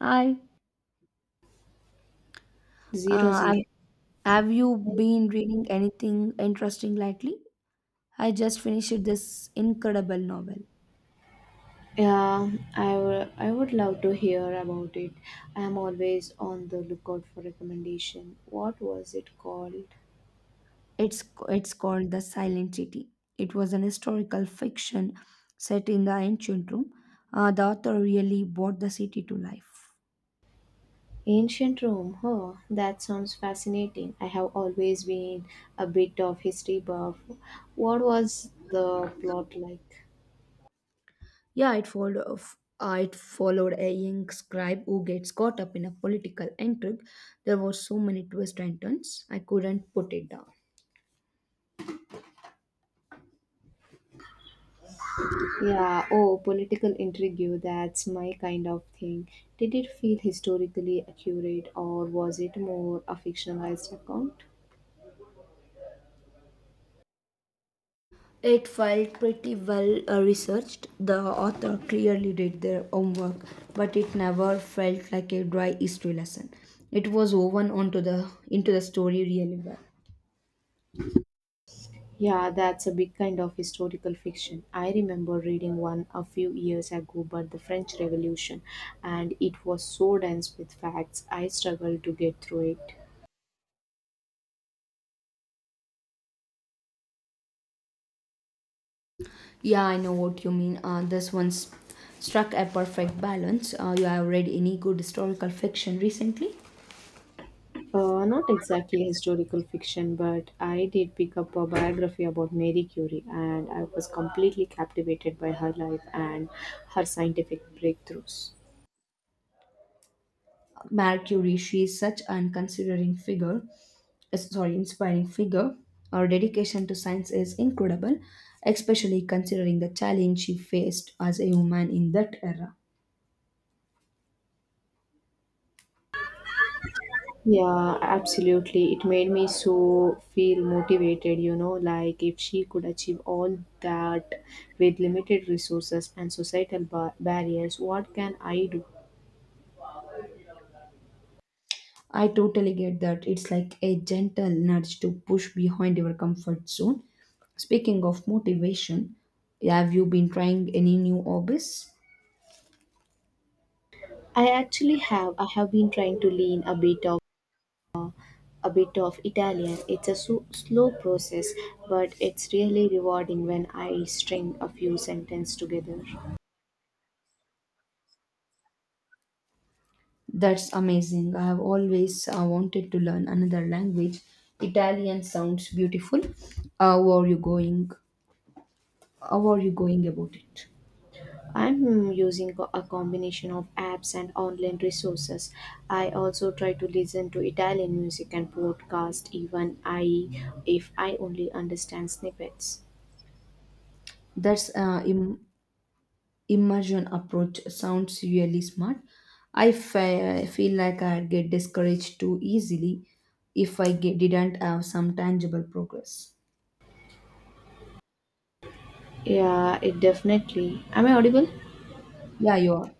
Hi. Zero Uh, I, zero. have you been reading anything interesting lately? I just finished this incredible novel. Yeah, I would love to hear about it. I am always on the lookout for recommendation. What was it called? It's it's called The Silent City. It was an historical fiction set in the ancient Rome. The author really brought the city to life. Ancient Rome. Oh, that sounds fascinating. I have always been a bit of history buff. What was the plot like? Yeah, it followed of it followed a young scribe who gets caught up in a political intrigue. There were so many twists and turns. I couldn't put it down. Yeah, oh, political intrigue, that's my kind of thing. Did it feel historically accurate or was it more a fictionalized account? It felt pretty well researched. The author clearly did their homework, but it never felt like a dry history lesson. It was woven onto the into the story really well. Yeah, that's a big kind of historical fiction. I remember reading one a few years ago about the French Revolution, and it was so dense with facts, I struggled to get through it. Yeah, I know what you mean. This struck a perfect balance. You have read any good historical fiction recently? Not exactly historical fiction, but I did pick up a biography about Marie Curie, and I was completely captivated by her life and her scientific breakthroughs. Mercury, she is such an inspiring figure. Her dedication to science is incredible, especially considering the challenge she faced as a woman in that era. Yeah, absolutely. It made me so feel motivated, like if she could achieve all that with limited resources and societal barriers, what can I do? I totally get that. It's like a gentle nudge to push behind your comfort zone. Speaking of motivation, have you been trying any new hobbies? I have been trying to lean a bit of Italian. It's a so, slow process, but it's really rewarding when I string a few sentences together. That's amazing. I have always wanted to learn another language. Italian sounds beautiful. How are you going? How are you going about it? I'm using a combination of apps and online resources. I also try to listen to Italian music and podcast even I if I only understand snippets. That's uh, Im- Immersion approach sounds really smart. I feel like I get discouraged too easily if I didn't have some tangible progress. Yeah, it definitely. Am I audible? Yeah, you are.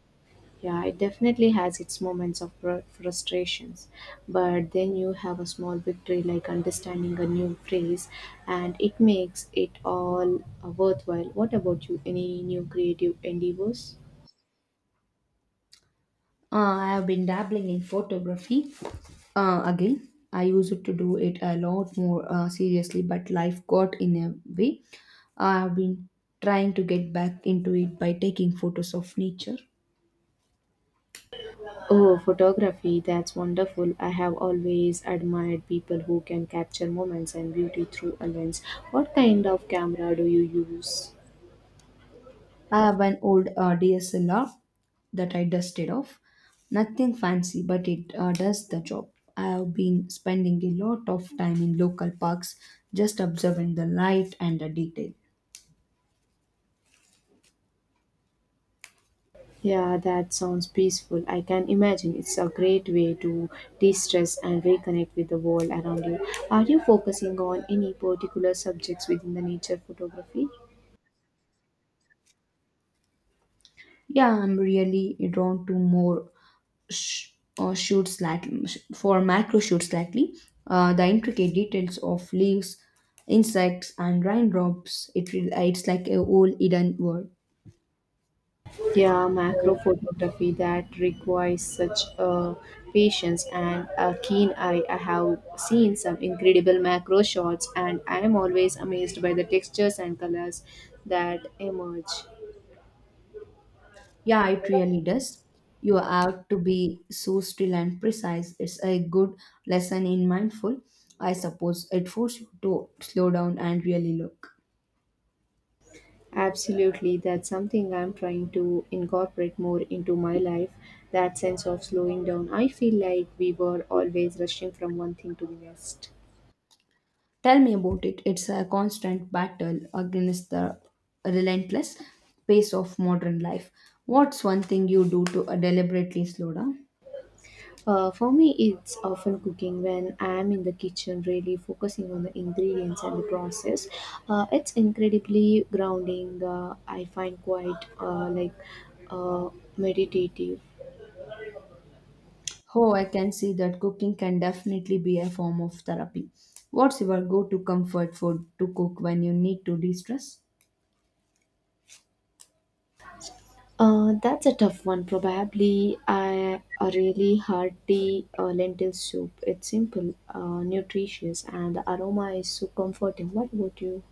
Yeah, it definitely has its moments of frustrations, but then you have a small victory like understanding a new phrase, and it makes it all worthwhile. What about you? Any new creative endeavors? I have been dabbling in photography again. I used to do it a lot more seriously, but life got in a way. I have been trying to get back into it by taking photos of nature. Oh, photography, that's wonderful. I have always admired people who can capture moments and beauty through a lens. What kind of camera do you use? I have an old DSLR that I dusted off. Nothing fancy, but it does the job. I have been spending a lot of time in local parks just observing the light and the detail. Yeah, that sounds peaceful. I can imagine it's a great way to de stress and reconnect with the world around you. Are you focusing on any particular subjects within the nature photography? Yeah, I'm really drawn to more sh- shoot slightly for macro shoot slightly the intricate details of leaves, insects, and raindrops. It's like a whole hidden world. Yeah, macro photography that requires such patience and a keen eye. I have seen some incredible macro shots, and I am always amazed by the textures and colors that emerge. Yeah, it really does. You have to be so still and precise. It's a good lesson in mindful, I suppose. It forces you to slow down and really look. Absolutely, that's something I'm trying to incorporate more into my life. That sense of slowing down. I feel like we were always rushing from one thing to the next. Tell me about it. It's a constant battle against the relentless pace of modern life. What's one thing you do to deliberately slow down? For me, it's often cooking when I'm in the kitchen, really focusing on the ingredients and the process. It's incredibly grounding. I find quite uh, meditative. Oh, I can see that cooking can definitely be a form of therapy. What's your go to comfort food to cook when you need to de stress? That's a tough one. Probably a really hearty lentil soup. It's simple, nutritious, and the aroma is so comforting. What about you?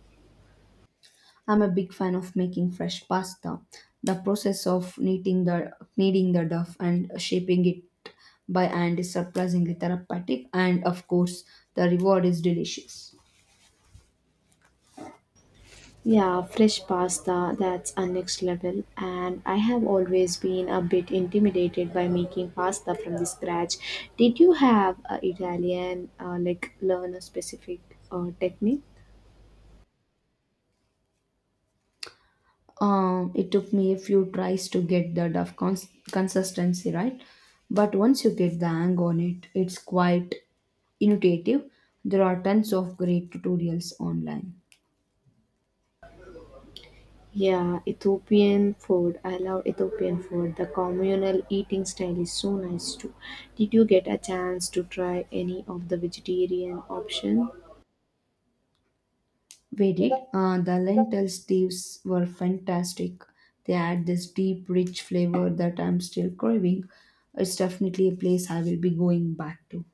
I'm a big fan of making fresh pasta. The process of kneading the dough and shaping it by hand is surprisingly therapeutic, and of course, the reward is delicious. Yeah, fresh pasta, that's a next level. And I have always been a bit intimidated by making pasta from the scratch. Did you have Italian, like learn a specific technique? It took me a few tries to get the duff consistency right, but once you get the hang on it, it's quite intuitive. There are tons of great tutorials online. Yeah, Ethiopian food. I love Ethiopian food. The communal eating style is so nice too. Did you get a chance to try any of the vegetarian options? We did. The lentil stews were fantastic. They add this deep rich flavor that I'm still craving. It's definitely a place I will be going back to.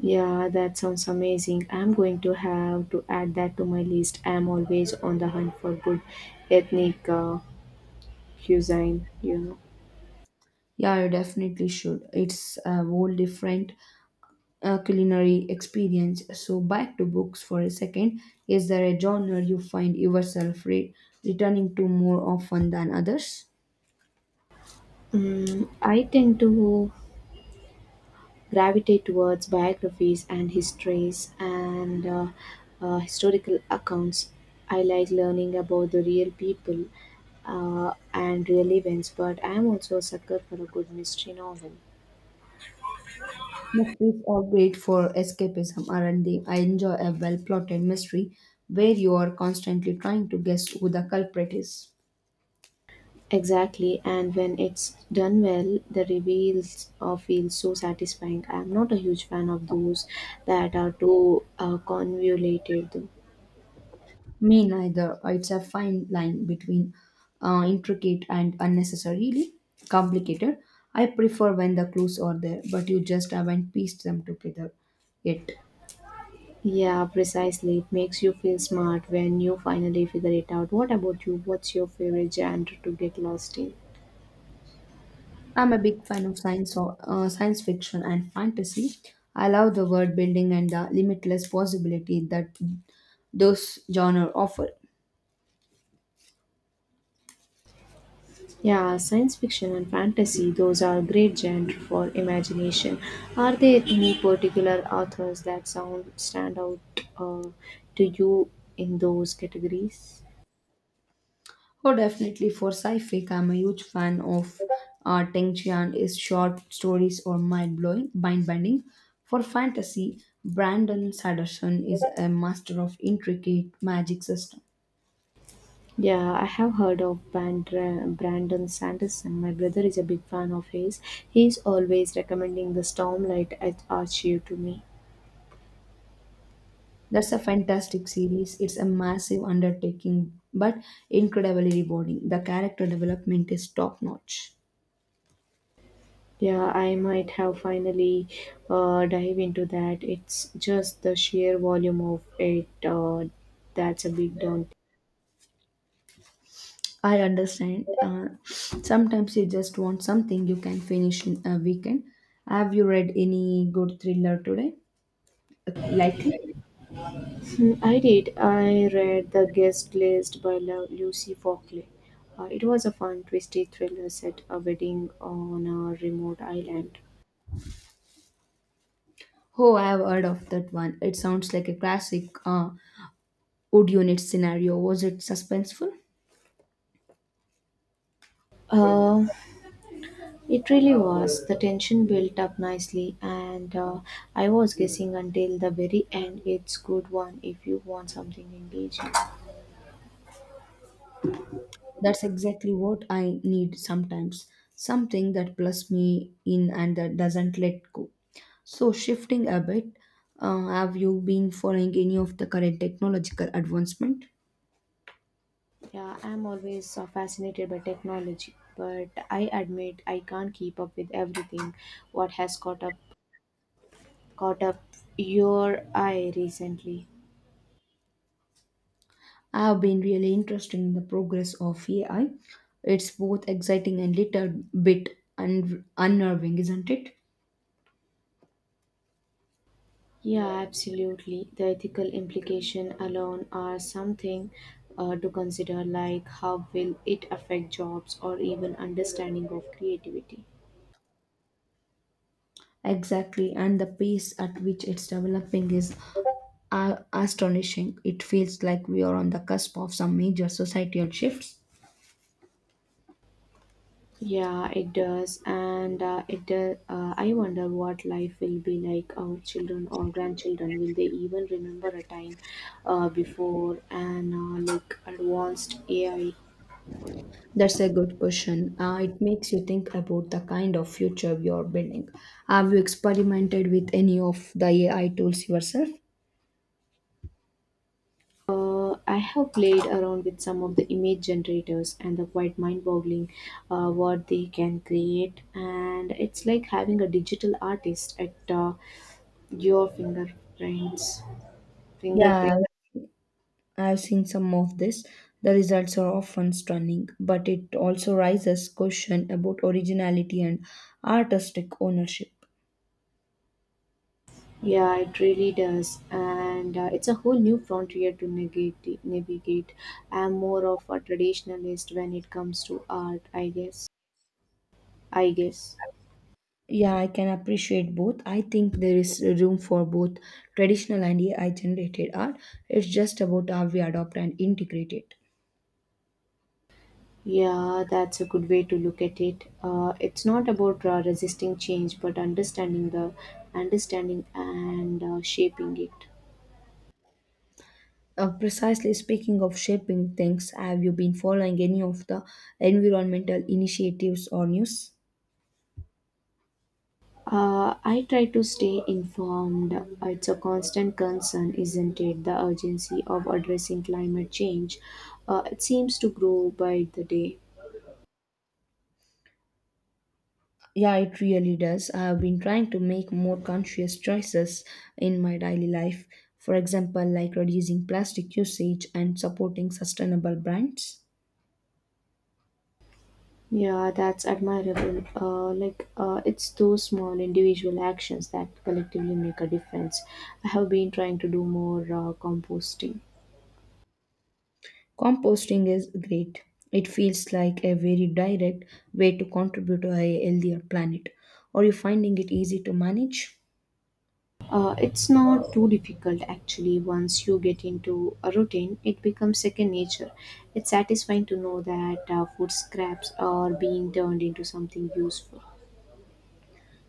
Yeah, that sounds amazing. I'm going to have to add that to my list. I'm always on the hunt for good ethnic cuisine, you know. Yeah, you definitely should. It's a whole different culinary experience. So, back to books for a second. Is there a genre you find yourself returning to more often than others? Mm, I tend to gravitate towards biographies and histories and historical accounts. I like learning about the real people and real events, but I'm also a sucker for a good mystery novel. Mysteries are great for escapism, aren't they? I enjoy a well plotted mystery where you are constantly trying to guess who the culprit is. Exactly, and when it's done well, the reveals feel so satisfying. I'm not a huge fan of those that are too convoluted, though. Me neither. It's a fine line between intricate and unnecessarily complicated. I prefer when the clues are there, but you just haven't pieced them together yet. Yeah, precisely. It makes you feel smart when you finally figure it out. What about you? What's your favorite genre to get lost in? I'm a big fan of science fiction and fantasy. I love the world building and the limitless possibility that those genres offer. Yeah, science fiction and fantasy, those are great genre for imagination. Are there any particular authors that sound stand out to you in those categories? Oh, definitely for sci-fi, I'm a huge fan of Teng Chian's short stories or mind-bending. For fantasy, Brandon Sanderson is a master of intricate magic system. Yeah, I have heard of Brandon Sanderson. My brother is a big fan of his. He's always recommending the Stormlight at Archie to me. That's a fantastic series. It's a massive undertaking, but incredibly rewarding. The character development is top notch. Yeah, I might have finally dive into that. It's just the sheer volume of it that's a big down. I understand. Sometimes you just want something you can finish in a weekend. Have you read any good thriller today? Uh, Like, Hmm, I did. I read The Guest List by Lucy Fockley. It was a fun, twisty thriller set a wedding on a remote island. oh, I have heard of that one. It sounds like a classic wood unit scenario. Was it suspenseful? Uh, It really was. The tension built up nicely, and I was guessing until the very end. It's good one if you want something engaging. That's exactly what I need sometimes. Something that plus me in and that doesn't let go. So, shifting a bit, have you been following any of the current technological advancement? Yeah, I'm always fascinated by technology, but I admit I can't keep up with everything. What has caught up your eye recently? I have been really interested in the progress of AI. It's both exciting and little bit unnerving, isn't it? Yeah, absolutely. The ethical implication alone are something to consider, like how will it affect jobs or even understanding of creativity. Exactly, and the pace at which it's developing is astonishing. It feels like we are on the cusp of some major societal shifts. Yeah, it does. I wonder what life will be like. Our children or grandchildren will they even remember a time before and like advanced AI? That's a good question. It makes you think about the kind of future you're building. Have you experimented with any of the AI tools yourself? I have played around with some of the image generators, and the quite mind-boggling what they can create. And it's like having a digital artist at your fingertips. Yeah, I've seen some of this. The results are often stunning, but it also raises question about originality and artistic ownership. Yeah, it really does. And it's a whole new frontier to navigate. I'm more of a traditionalist when it comes to art, I guess. Yeah, I can appreciate both. I think there is room for both traditional and AI generated art. It's just about how we adopt and integrate it. Yeah, that's a good way to look at it. It's not about resisting change, but understanding and shaping it. Precisely speaking of shaping things, have you been following any of the environmental initiatives or news? I try to stay informed. It's a constant concern, isn't it? The urgency of addressing climate change. It seems to grow by the day. Yeah, it really does. I have been trying to make more conscious choices in my daily life. For example, like reducing plastic usage and supporting sustainable brands. Yeah, that's admirable. It's those small individual actions that collectively make a difference. I have been trying to do more composting. Composting is great. It feels like a very direct way to contribute to a healthier planet. Are you finding it easy to manage? It's not too difficult actually. Once you get into a routine, it becomes second nature. It's satisfying to know that food scraps are being turned into something useful.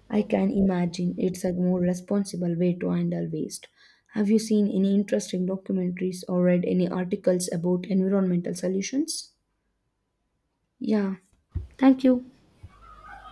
I can imagine it's a more responsible way to handle waste. Have you seen any interesting documentaries or read any articles about environmental solutions? Yeah. Thank you.